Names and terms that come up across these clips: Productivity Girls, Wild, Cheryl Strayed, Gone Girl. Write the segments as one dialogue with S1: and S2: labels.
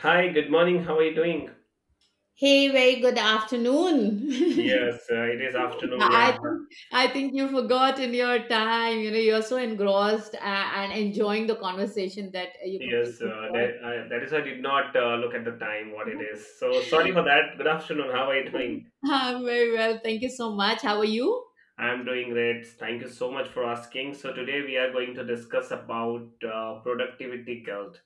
S1: Hi, good morning. How are you doing?
S2: Hey, very good afternoon.
S1: Yes, it is afternoon. Yeah,
S2: I think you forgot in your time. You know, you're so engrossed and enjoying the conversation that you
S1: yes,
S2: completely forgot.
S1: that, I, that is I did not look at the time what it is. So sorry for that. Good afternoon. How are you doing?
S2: I'm very well. Thank you so much. How are you?
S1: I am doing great. Thank you so much for asking. So today we are going to discuss about productivity guilt.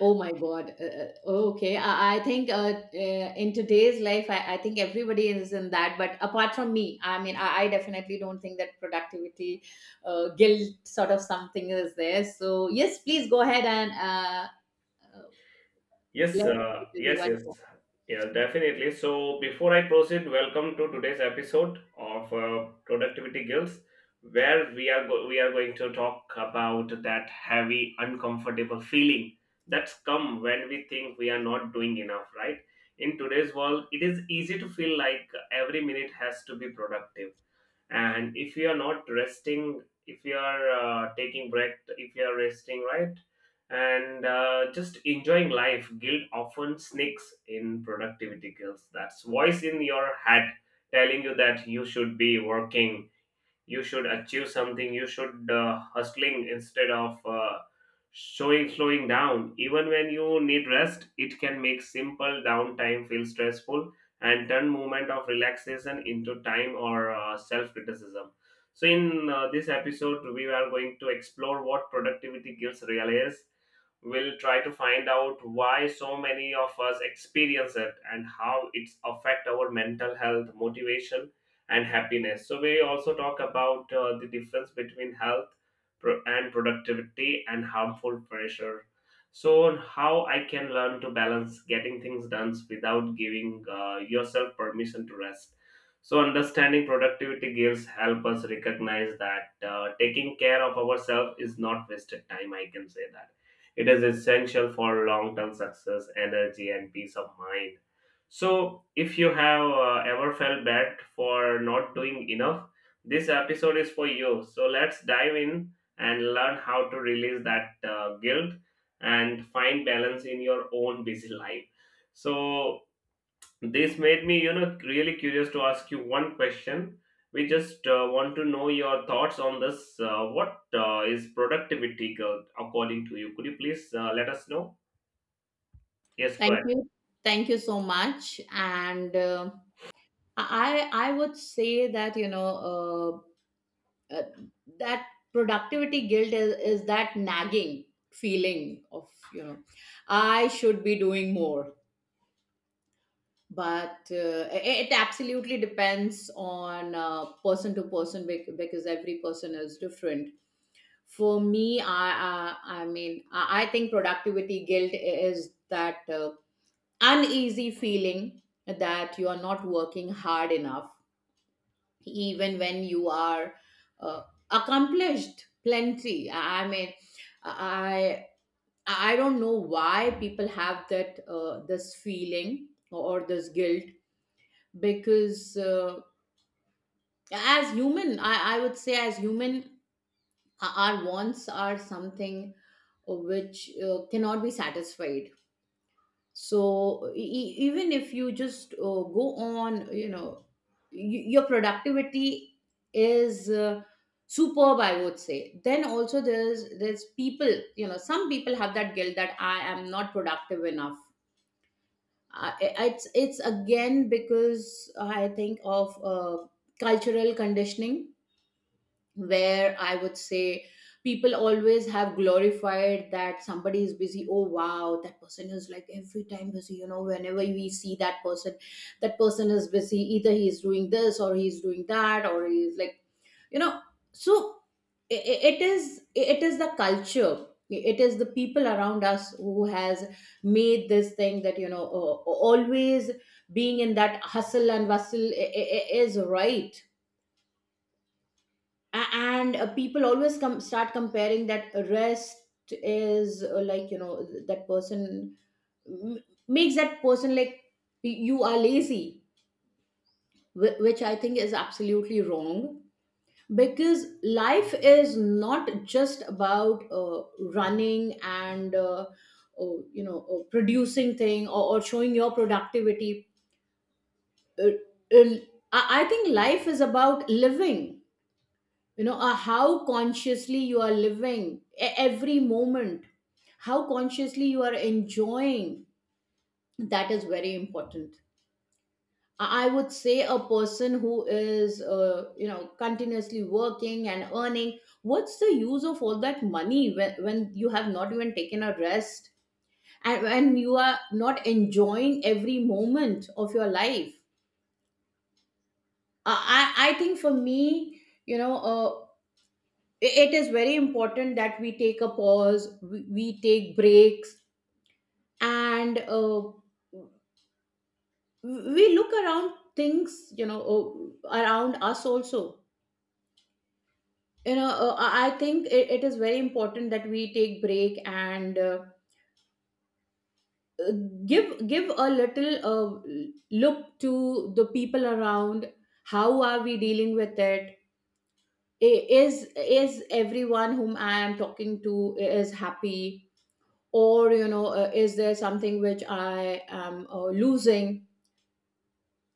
S2: Oh my God. Okay. I think in today's life, I think everybody is in that. But apart from me, I mean, I definitely don't think that productivity guilt sort of something is there. So yes, please go ahead and
S1: Yes,
S2: Let's let everyone know.
S1: yes. Yeah, definitely. So, before I proceed, welcome to today's episode of Productivity Girls, where we are going to talk about that heavy, uncomfortable feeling that's come when we think we are not doing enough, right? In today's world, it is easy to feel like every minute has to be productive, and if you are not resting, if you are taking break, if you are resting, right? And just enjoying life, guilt often sneaks in. Productivity guilt, that's voice in your head telling you that you should be working, you should achieve something, you should hustling instead of showing slowing down. Even when you need rest, it can make simple downtime feel stressful and turn moment of relaxation into time or self criticism. So in this episode, we are going to explore what productivity guilt really is. We'll try to find out why so many of us experience it and how it's affect our mental health, motivation, and happiness. So we also talk about the difference between and productivity and harmful pressure. So how I can learn to balance getting things done without giving yourself permission to rest. So understanding productivity gives help us recognize that taking care of ourselves is not wasted time. I can say that it is essential for long-term success, energy, and peace of mind. So, if you have ever felt bad for not doing enough, this episode is for you. So, let's dive in and learn how to release that guilt and find balance in your own busy life. So, this made me, you know, really curious to ask you one question. We just want to know your thoughts on this. What is productivity, guilt according to you? Could you please let us know? Yes, go
S2: Thank
S1: ahead.
S2: you. Thank you so much. And I would say that you know, uh, that productivity guilt is that nagging feeling of, you know, I should be doing more. But it absolutely depends on person to person, because every person is different. For me, I mean I think productivity guilt is that. Uneasy feeling that you are not working hard enough even when you are uh, accomplished plenty. I I mean i i don't know why people have that this feeling or this guilt, because as human, I would say as human, our wants are something which cannot be satisfied. So even if you just go on, you know, y- your productivity is superb, I would say, then also there's people, you know, some people have that guilt that I am not productive enough. I, it's again because I think of cultural conditioning, where I would say people always have glorified that somebody is busy. Oh, wow, that person is like every time busy. You know, whenever we see that person is busy. Either he's doing this or he's doing that, or he's like, you know, so it is, it is the culture, it is the people around us who has made this thing that, you know, always being in that hustle and bustle is right. And people always come start comparing that rest is, like, you know, that person m- makes that person like you are lazy, which I think is absolutely wrong, because life is not just about running and uh, you know, producing thing, or showing your productivity. Uh, uh, I think life is about living. You know, how consciously you are living every moment, how consciously you are enjoying, that is very important. I would say, a person who is you know, continuously working and earning, what's the use of all that money when you have not even taken a rest, and when you are not enjoying every moment of your life? I think for me, you know, it is very important that we take a pause, we take breaks, and we look around things, you know, around us also. You know, I think it is very important that we take break and uh, give a little look to the people around. How are we dealing with it? I- is is everyone whom I am talking to is happy, or, you know, is there something which I am losing?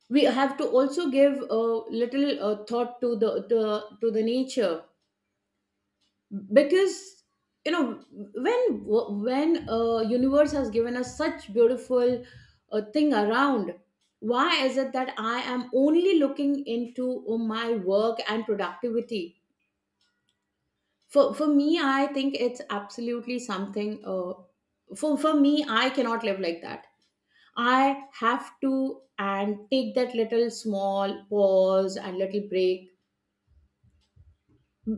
S2: We have to also give a little thought to to the nature, because, you know, when universe has given us such beautiful thing around, why is it that I am only looking into my work and productivity? For me, I think it's absolutely something. For me, I cannot live like that. I have to and take that little small pause and little break,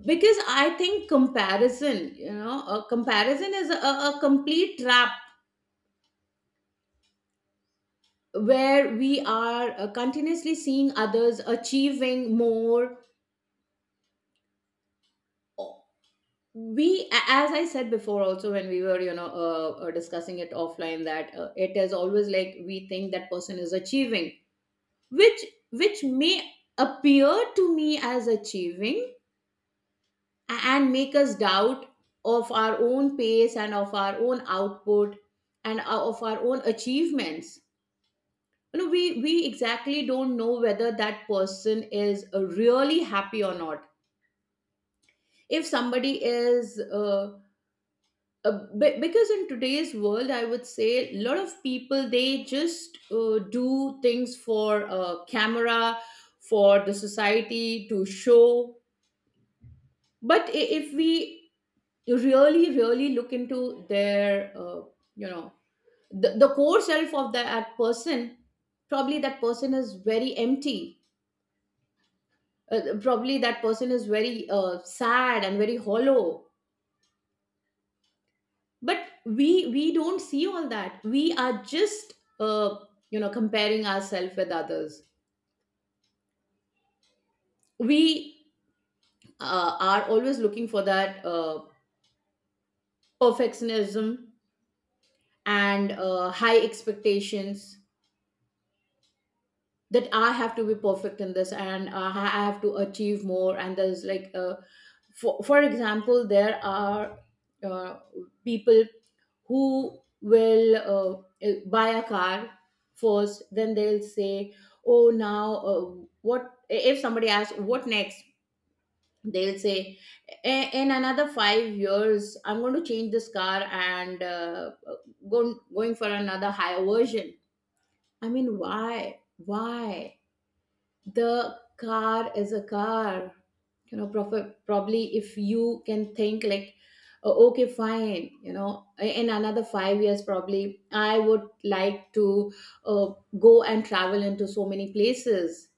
S2: because I think comparison, you know, a comparison is a complete trap, where we are continuously seeing others achieving more. We, as I said before, also when we were, you know, discussing it offline, that it is always like we think that person is achieving, which which may appear to me as achieving, and make us doubt of our own pace, and of our own output, and of our own achievements. You know, we exactly don't know whether that person is really happy or not. If somebody is because in today's world, I would say a lot of people, they just do things for camera, for the society to show. But if we, you really really look into their, you know, the core self of that person, probably that person is very empty. Probably that person is very sad and very hollow, but we don't see all that. We are just uh, you know, comparing ourselves with others. We are always looking for that perfectionism and high expectations, that I have to be perfect in this, and I have to achieve more. And there's like, for example, there are uh, people who will buy a car first, then they'll say, oh, now what if somebody asks, what next? They'll say, In another 5 years, I'm going to change this car and going for another higher version." I mean, why? Why? The car is a car. You know, probably if you can think like, "Oh, okay, fine, you know, in another 5 years probably I would like to uh, go and travel into so many places.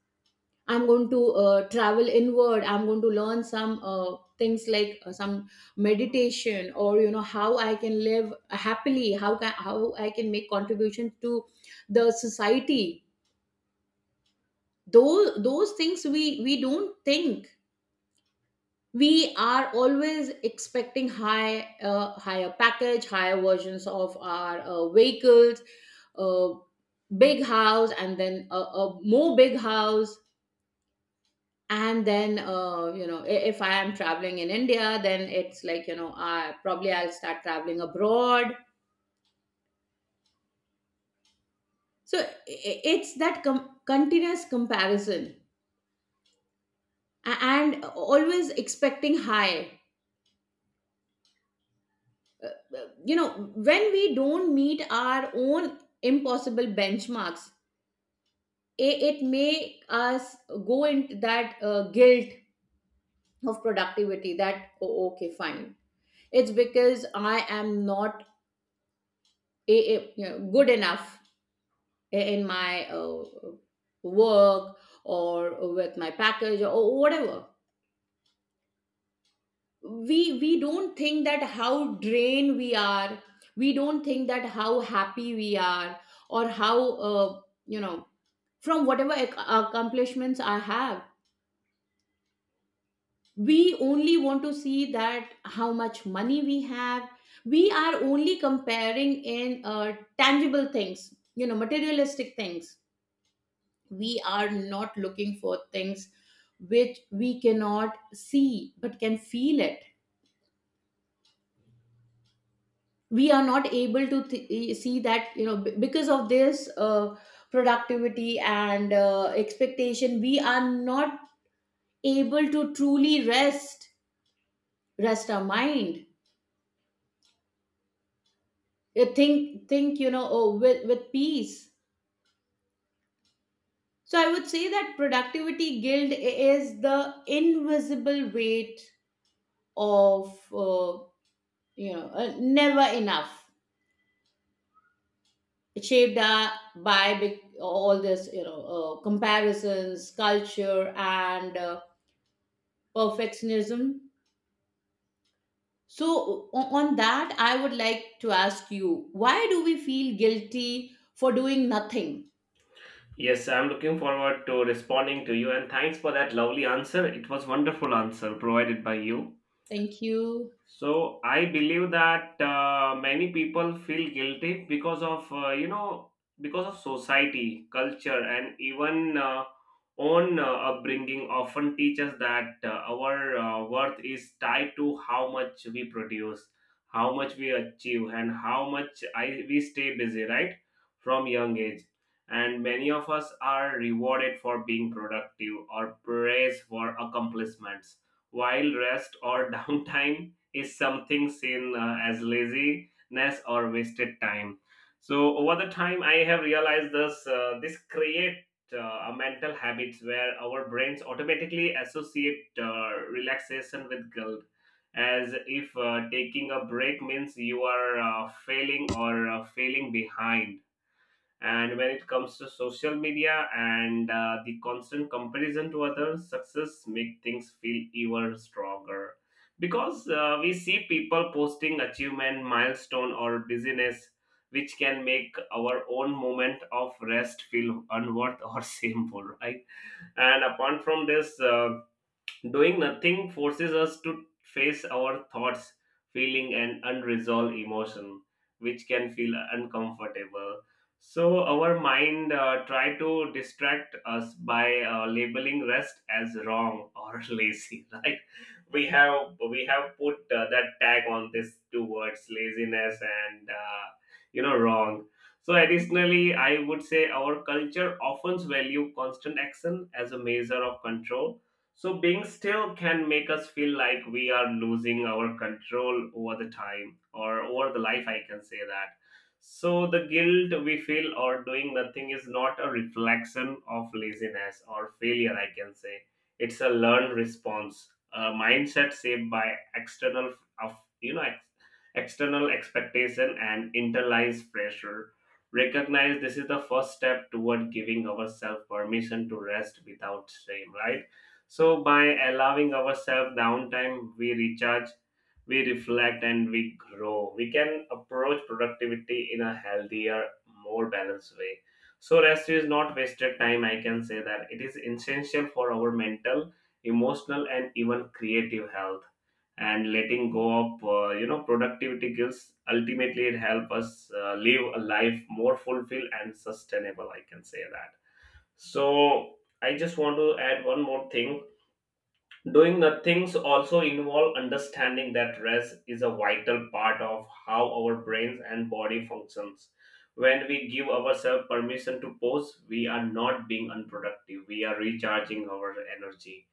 S2: I'm going to travel inward. I'm going to learn some things like, some meditation, or you know, how I can live happily, how can, how I can make contribution to the society." Those things we don't think. We are always expecting high, higher package, higher versions of our vehicles, uh, big house, and then a more big house, and then, you know, if I am traveling in India, then it's like, you know, I probably I'll start traveling abroad. so i- it's that continuous comparison. And always expecting high, you know, when we don't meet our own impossible benchmarks, it make us go into that guilt of productivity, that oh, okay, fine, it's because I am not you know, good enough in my work, or with my package or whatever. We don't think that how drained we are. We don't think that how happy we are, or how, uh, you know, from whatever accomplishments I have. We only want to see that how much money we have. We are only comparing in tangible things, you know, materialistic things. We are not looking for things which we cannot see but can feel it. We are not able to see that, you know, because of this productivity and expectation, we are not able to truly rest, rest our mind. Think, you know, oh, with peace. So I would say that productivity guilt is the invisible weight of, uh, you know, never enough, shaped up by all this, you know, comparisons, culture, and perfectionism. So on that, I would like to ask you, why do we feel guilty for doing nothing?
S1: Yes, I'm looking forward to responding to you, and thanks for that lovely answer. It was wonderful answer provided by you.
S2: Thank you.
S1: So I believe that many people feel guilty because of, you know, because of society, culture, and even own upbringing often teach us that our worth is tied to how much we produce, how much we achieve, and we stay busy. Right from young age, and many of us are rewarded for being productive or praised for accomplishments, while rest or downtime is something seen as laziness or wasted time. So over the time, I have realized this. This create a mental habits where our brains automatically associate relaxation with guilt, as if taking a break means you are failing or failing behind. And when it comes to social media and the constant comparison to others success, make things feel even stronger because we see people posting achievement, milestone, or busyness, which can make our own moment of rest feel unworth or shameful, right? And apart from this, doing nothing forces us to face our thoughts, feeling, and unresolved emotion, which can feel uncomfortable. So our mind try to distract us by labeling rest as wrong or lazy. Right? We have put that tag on these two words, laziness and, you know, wrong. So additionally, I would say our culture often value constant action as a measure of control, so being still can make us feel like we are losing our control over the time or over the life, I can say that. So the guilt we feel or doing nothing is not a reflection of laziness or failure, I can say. It's a learned response, a mindset shaped by external, of you know ex- external expectation and internalized pressure. Recognize this is the first step toward giving ourselves permission to rest without shame, right? So, by allowing ourselves downtime, we recharge, we reflect, and we grow. We can approach productivity in a healthier, more balanced way. So, rest is not wasted time, I can say that. It is essential for our mental, emotional, and even creative health. And letting go of, you know, productivity skills ultimately, it help us live a life more fulfilled and sustainable. I can say that. So, I just want to add one more thing. Doing nothings also involve understanding that rest is a vital part of how our brains and body functions. When we give ourselves permission to pause, we are not being unproductive. We are recharging our energy,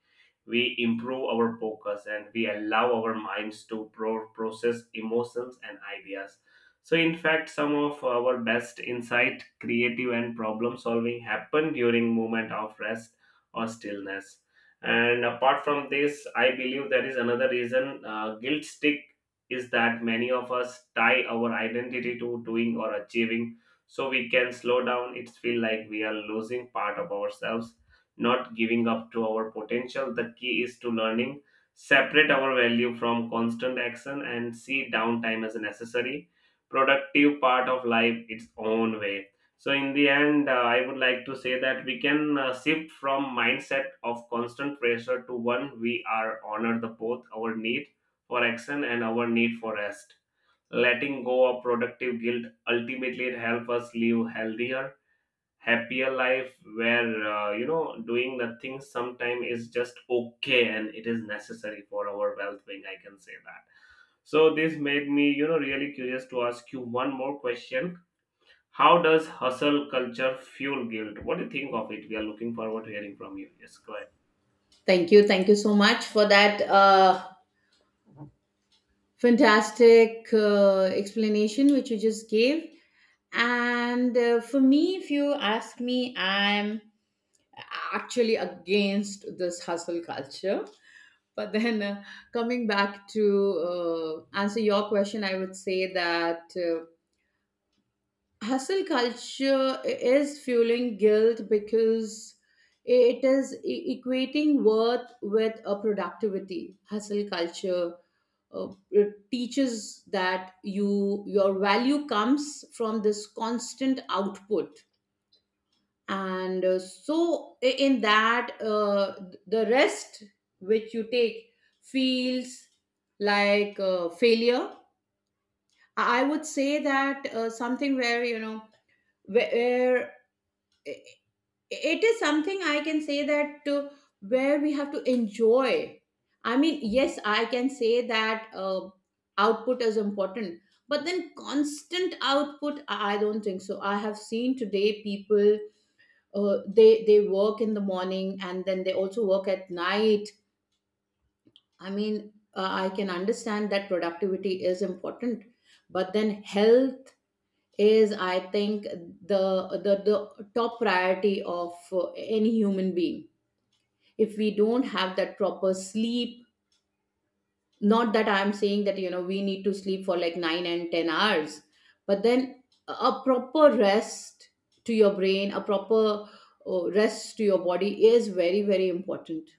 S1: we improve our focus, and we allow our minds to process emotions and ideas. So in fact, some of our best insight, creative and problem solving, happen during moment of rest or stillness. And apart from this, I believe there is another reason guilt stick is that many of us tie our identity to doing or achieving, so we can slow down, it feel like we are losing part of ourselves, not giving up to our potential. The key is to learning, separate our value from constant action, and see downtime as a necessary, productive part of life its own way. So, in the end, I would like to say that we can shift from mindset of constant pressure to one we are honored the both our need for action and our need for rest. Letting go of productive guilt ultimately help us live healthier, happier life where, you know, doing nothing sometime is just okay and it is necessary for our well-being, I can say that. So this made me, you know, really curious to ask you one more question. How does hustle culture fuel guilt? What do you think of it? We are looking forward to hearing from you. Yes, go ahead.
S2: Thank you. Thank you so much for that fantastic explanation which you just gave. And for me, if you ask me, I'm actually against this hustle culture. But then coming back to answer your question, I would say that hustle culture is fueling guilt because it is equating worth with a productivity hustle culture, it teaches that your value comes from this constant output. And in that, the rest which you take feels like failure. I would say that something where where it is something I can say that where we have to enjoy. I mean, yes, I can say that output is important, but then constant output, I don't think so. I have seen today people, they work in the morning and then they also work at night. I mean, I can understand that productivity is important, but then health is, I think, the the top priority of any human being. If we don't have that proper sleep, not that I'm saying that you know we need to sleep for like 9 and 10 hours, but then a proper rest to your brain, a proper rest to your body is very very important.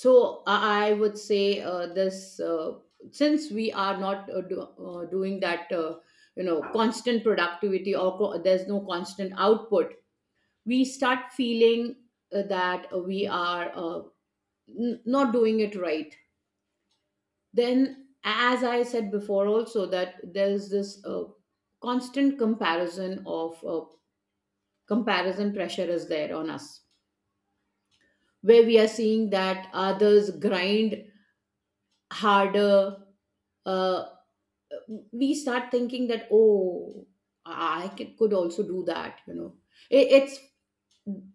S2: So I would say this, uh, since we are not doing that, you know, constant productivity, there's no constant output, we start feeling that we are not doing it right. Then as I said before also, that there's this constant comparison of, comparison pressure is there on us, where we are seeing that others grind harder. uh, we start thinking that, oh, could also do that, you know. It's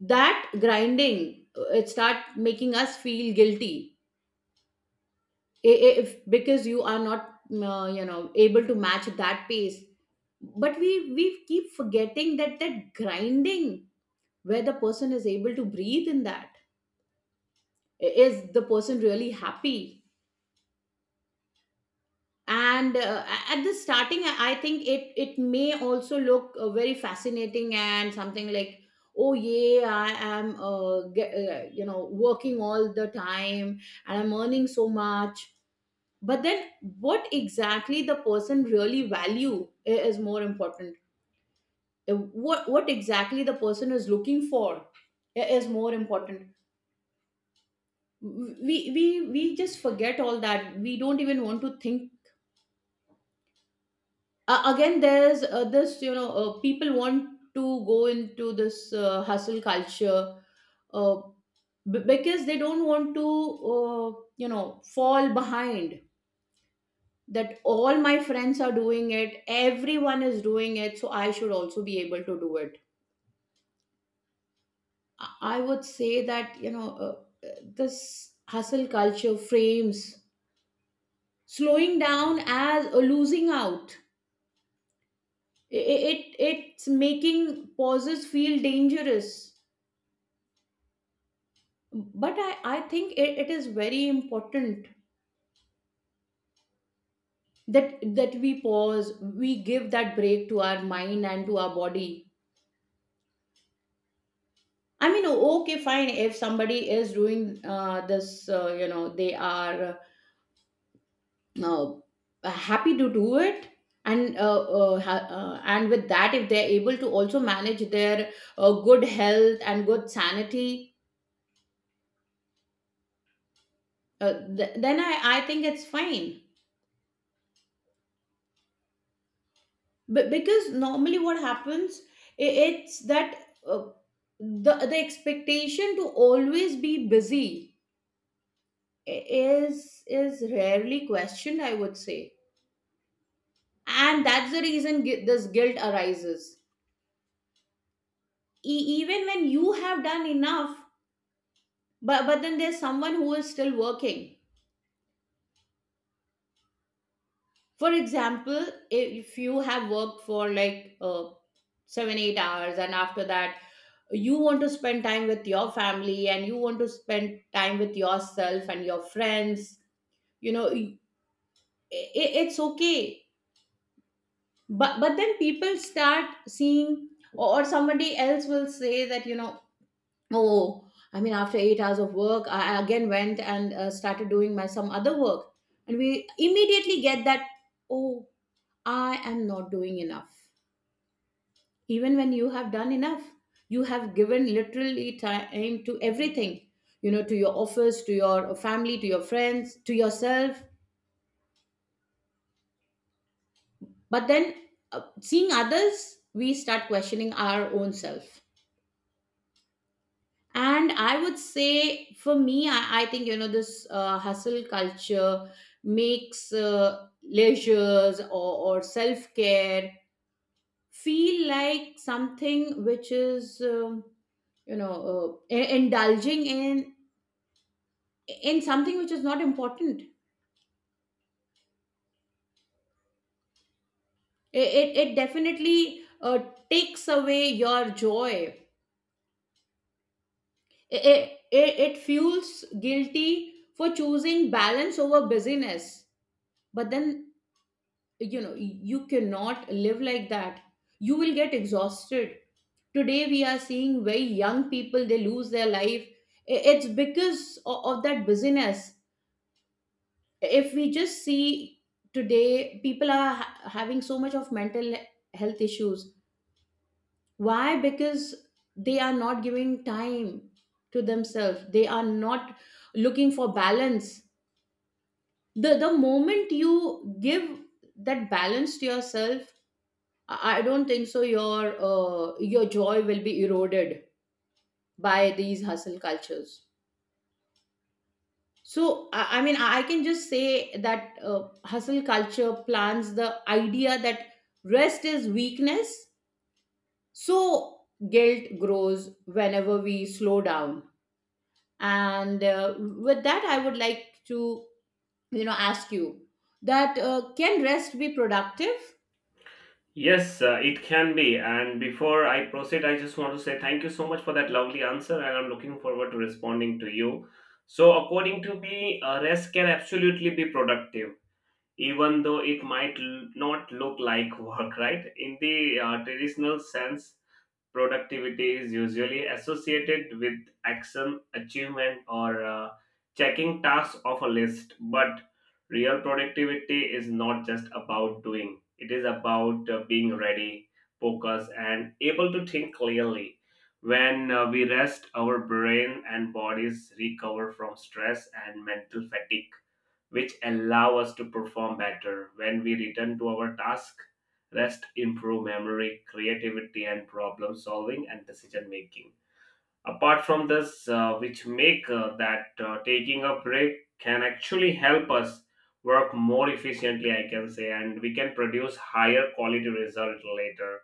S2: that grinding, it start making us feel guilty if because you are not you know able to match that pace. But we keep forgetting that that grinding, where the person is able to breathe in that, is the person really happy? And at the starting, I think it may also look very fascinating, and something like, oh yeah, I am you know, working all the time and I'm earning so much. But then, what exactly the person really value is more important. Uh, what exactly the person is looking for is more important. We we we just forget all that. We don't even want to think. Again, there's this, you know, people want to go into this hustle culture uh, because they don't want to you know fall behind, that all my friends are doing it, everyone is doing it, so I should also be able to do it. I would say that, you know, uh, this hustle culture frames slowing down as a losing out. It's making pauses feel dangerous. But I think it, it is very important that that we pause, we give that break to our mind and to our body. I mean, okay, fine, if somebody is doing this, you know, they are uh, happy to do it, and and with that, if they're able to also manage their good health and good sanity, then I think it's fine. But because normally what happens it's that uh, the expectation to always be busy is is rarely questioned, I would say. And that's the reason this guilt arises even when you have done enough, but then there's someone who is still working. For example, if you have worked for like 7-8 hours, and after that you want to spend time with your family and you want to spend time with yourself and your friends, you know, it's okay. But then people start seeing, or somebody else will say that, you know, oh, I mean, after 8 hours of work, I again went and started doing my some other work, and we immediately get that, oh, I am not doing enough. Even when you have done enough, you have given literally time to everything, you know, to your office, to your family, to your friends, to yourself. But then, seeing others, we start questioning our own self. And I would say for me, I think, you know, this hustle culture makes leisures, or self-care, feel like something which is you know indulging in something which is not important. It definitely takes away your joy. It fuels guilty for choosing balance over busyness. But then, you know, you cannot live like that. You will get exhausted. Today we are seeing very young people, they lose their life. It's because of that busyness. If we just see today, people are having so much of mental health issues. Why? Because they are not giving time to themselves. They are not looking for balance. The moment you give that balance to yourself, I don't think so your your joy will be eroded by these hustle cultures. So I mean, I can just say that hustle culture plants the idea that rest is weakness. So guilt grows whenever we slow down. And with that, I would like to, you know, ask you that can rest be productive?
S1: Yes, it can be. And before I proceed, I just want to say thank you so much for that lovely answer, and I'm looking forward to responding to you. So, according to me, rest can absolutely be productive, even though it might not look like work, right? In the traditional sense, productivity is usually associated with action, achievement, or checking tasks off a list. But real productivity is not just about doing, it is about being ready, focused, and able to think clearly. When we rest, our brain and bodies recover from stress and mental fatigue, which allow us to perform better when we return to our task. Rest improve memory, creativity, and problem solving, and decision making, apart from this, which make that taking a break can actually help us work more efficiently, I can say, and we can produce higher quality result later.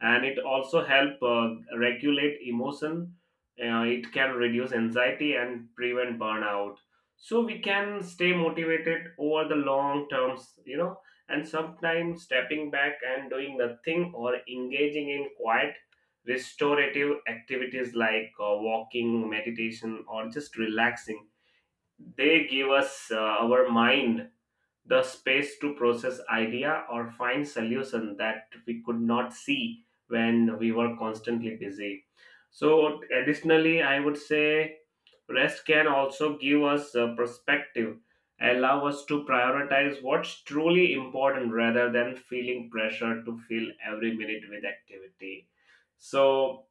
S1: And it also help regulate emotion. It can reduce anxiety and prevent burnout, so we can stay motivated over the long terms, you know. And sometimes stepping back and doing nothing or engaging in quiet, restorative activities like walking, meditation, or just relaxing, they give us, our mind, the space to process idea or find solution that we could not see when we were constantly busy. So additionally, I would say rest can also give us a perspective, allow us to prioritize what's truly important rather than feeling pressure to fill every minute with activity. So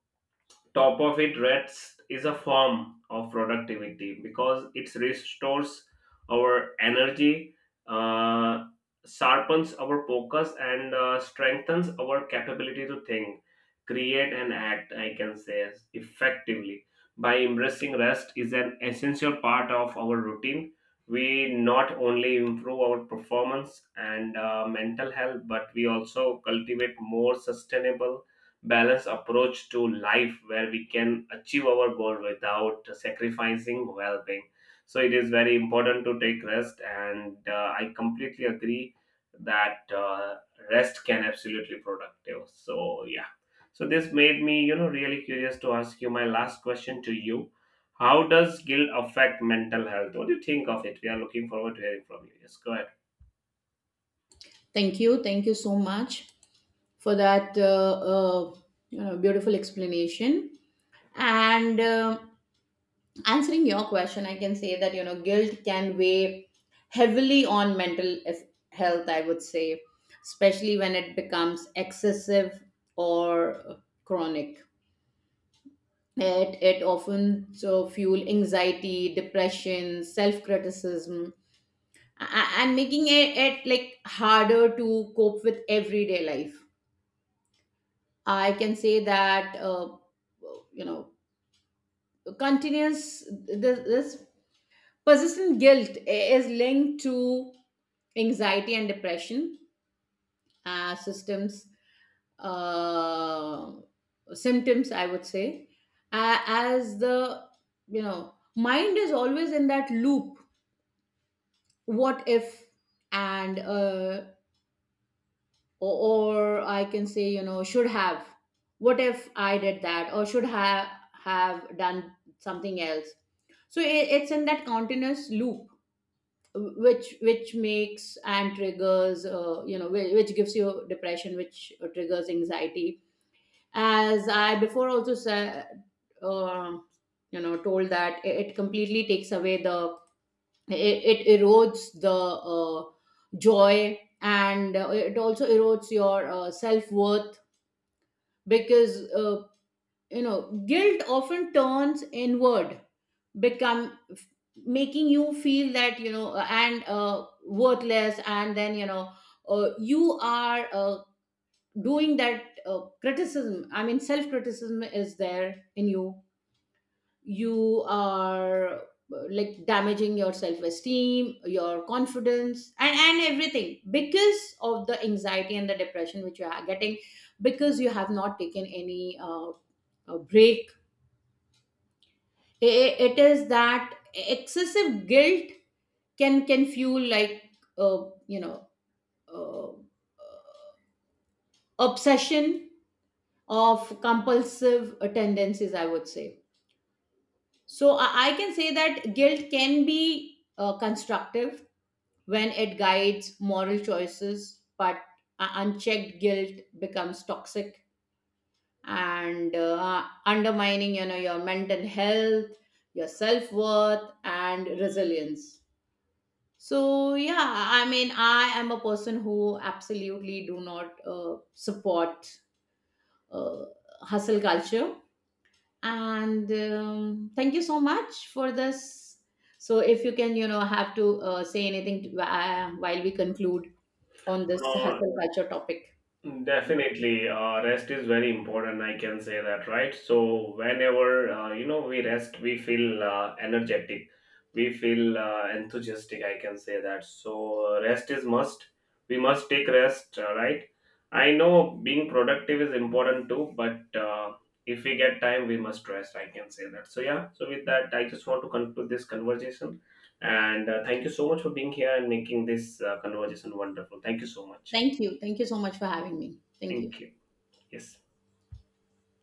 S1: top of it, rest is a form of productivity because it restores our energy, uh, sharpens our focus, and strengthens our capability to think, create, and act, I can say, effectively. By embracing rest is an essential part of our routine, we not only improve our performance and mental health, but we also cultivate more sustainable, balanced approach to life where we can achieve our goal without sacrificing well-being. So it is very important to take rest, and I completely agree that rest can absolutely productive, so yeah. So this made me, you know, really curious to ask you my last question to you. How does guilt affect mental health? What do you think of it? We are looking forward to hearing from you. Yes, go ahead.
S2: Thank you. Thank you so much for that uh, you know, beautiful explanation. And answering your question, I can say that, you know, guilt can weigh heavily on mental health, I would say, especially when it becomes excessive or chronic. It often so fuel anxiety, depression, self criticism, and making it, it like harder to cope with everyday life. I can say that you know, continuous, this persistent guilt is linked to anxiety and depression systems, uh, symptoms, I would say, as the, you know, mind is always in that loop. What if, and or, I can say, you know, should have. What if I did that, or should have done something else? So I it's in that continuous loop, which makes and triggers, you know, which gives you depression, which triggers anxiety. As I before also said, uh, you know, told that, it completely takes away the, it erodes the joy, and it also erodes your self-worth. Because you know, guilt often turns inward, become, making you feel that, you know, and worthless, and then, you know, you are doing that criticism, I mean, self criticism is there in you. You are like damaging your self esteem, your confidence and everything because of the anxiety and the depression which you are getting, because you have not taken any break. It is that excessive guilt can fuel like uh, you know uh, obsession of compulsive tendencies, I would say. So I can say that guilt can be constructive when it guides moral choices, but unchecked guilt becomes toxic, and undermining, you know, your mental health, your self-worth, and resilience. So yeah, I mean, I am a person who absolutely do not support uh, hustle culture. And thank you so much for this. So if you can, you know, have to say anything to, while we conclude on this
S1: uh,
S2: hustle culture topic.
S1: Definitely, rest is very important. I can say that, right? So whenever, you know, we rest, we feel energetic, we feel enthusiastic. I can say that. So rest is must. We must take rest, right? I know being productive is important too, but if we get time, we must rest. I can say that. So yeah. So with that, I just want to conclude this conversation, and thank you so much for being here and making this conversation wonderful. Thank you so much.
S2: Thank you. Thank you so much for having me. Thank you.
S1: Thank you. Yes.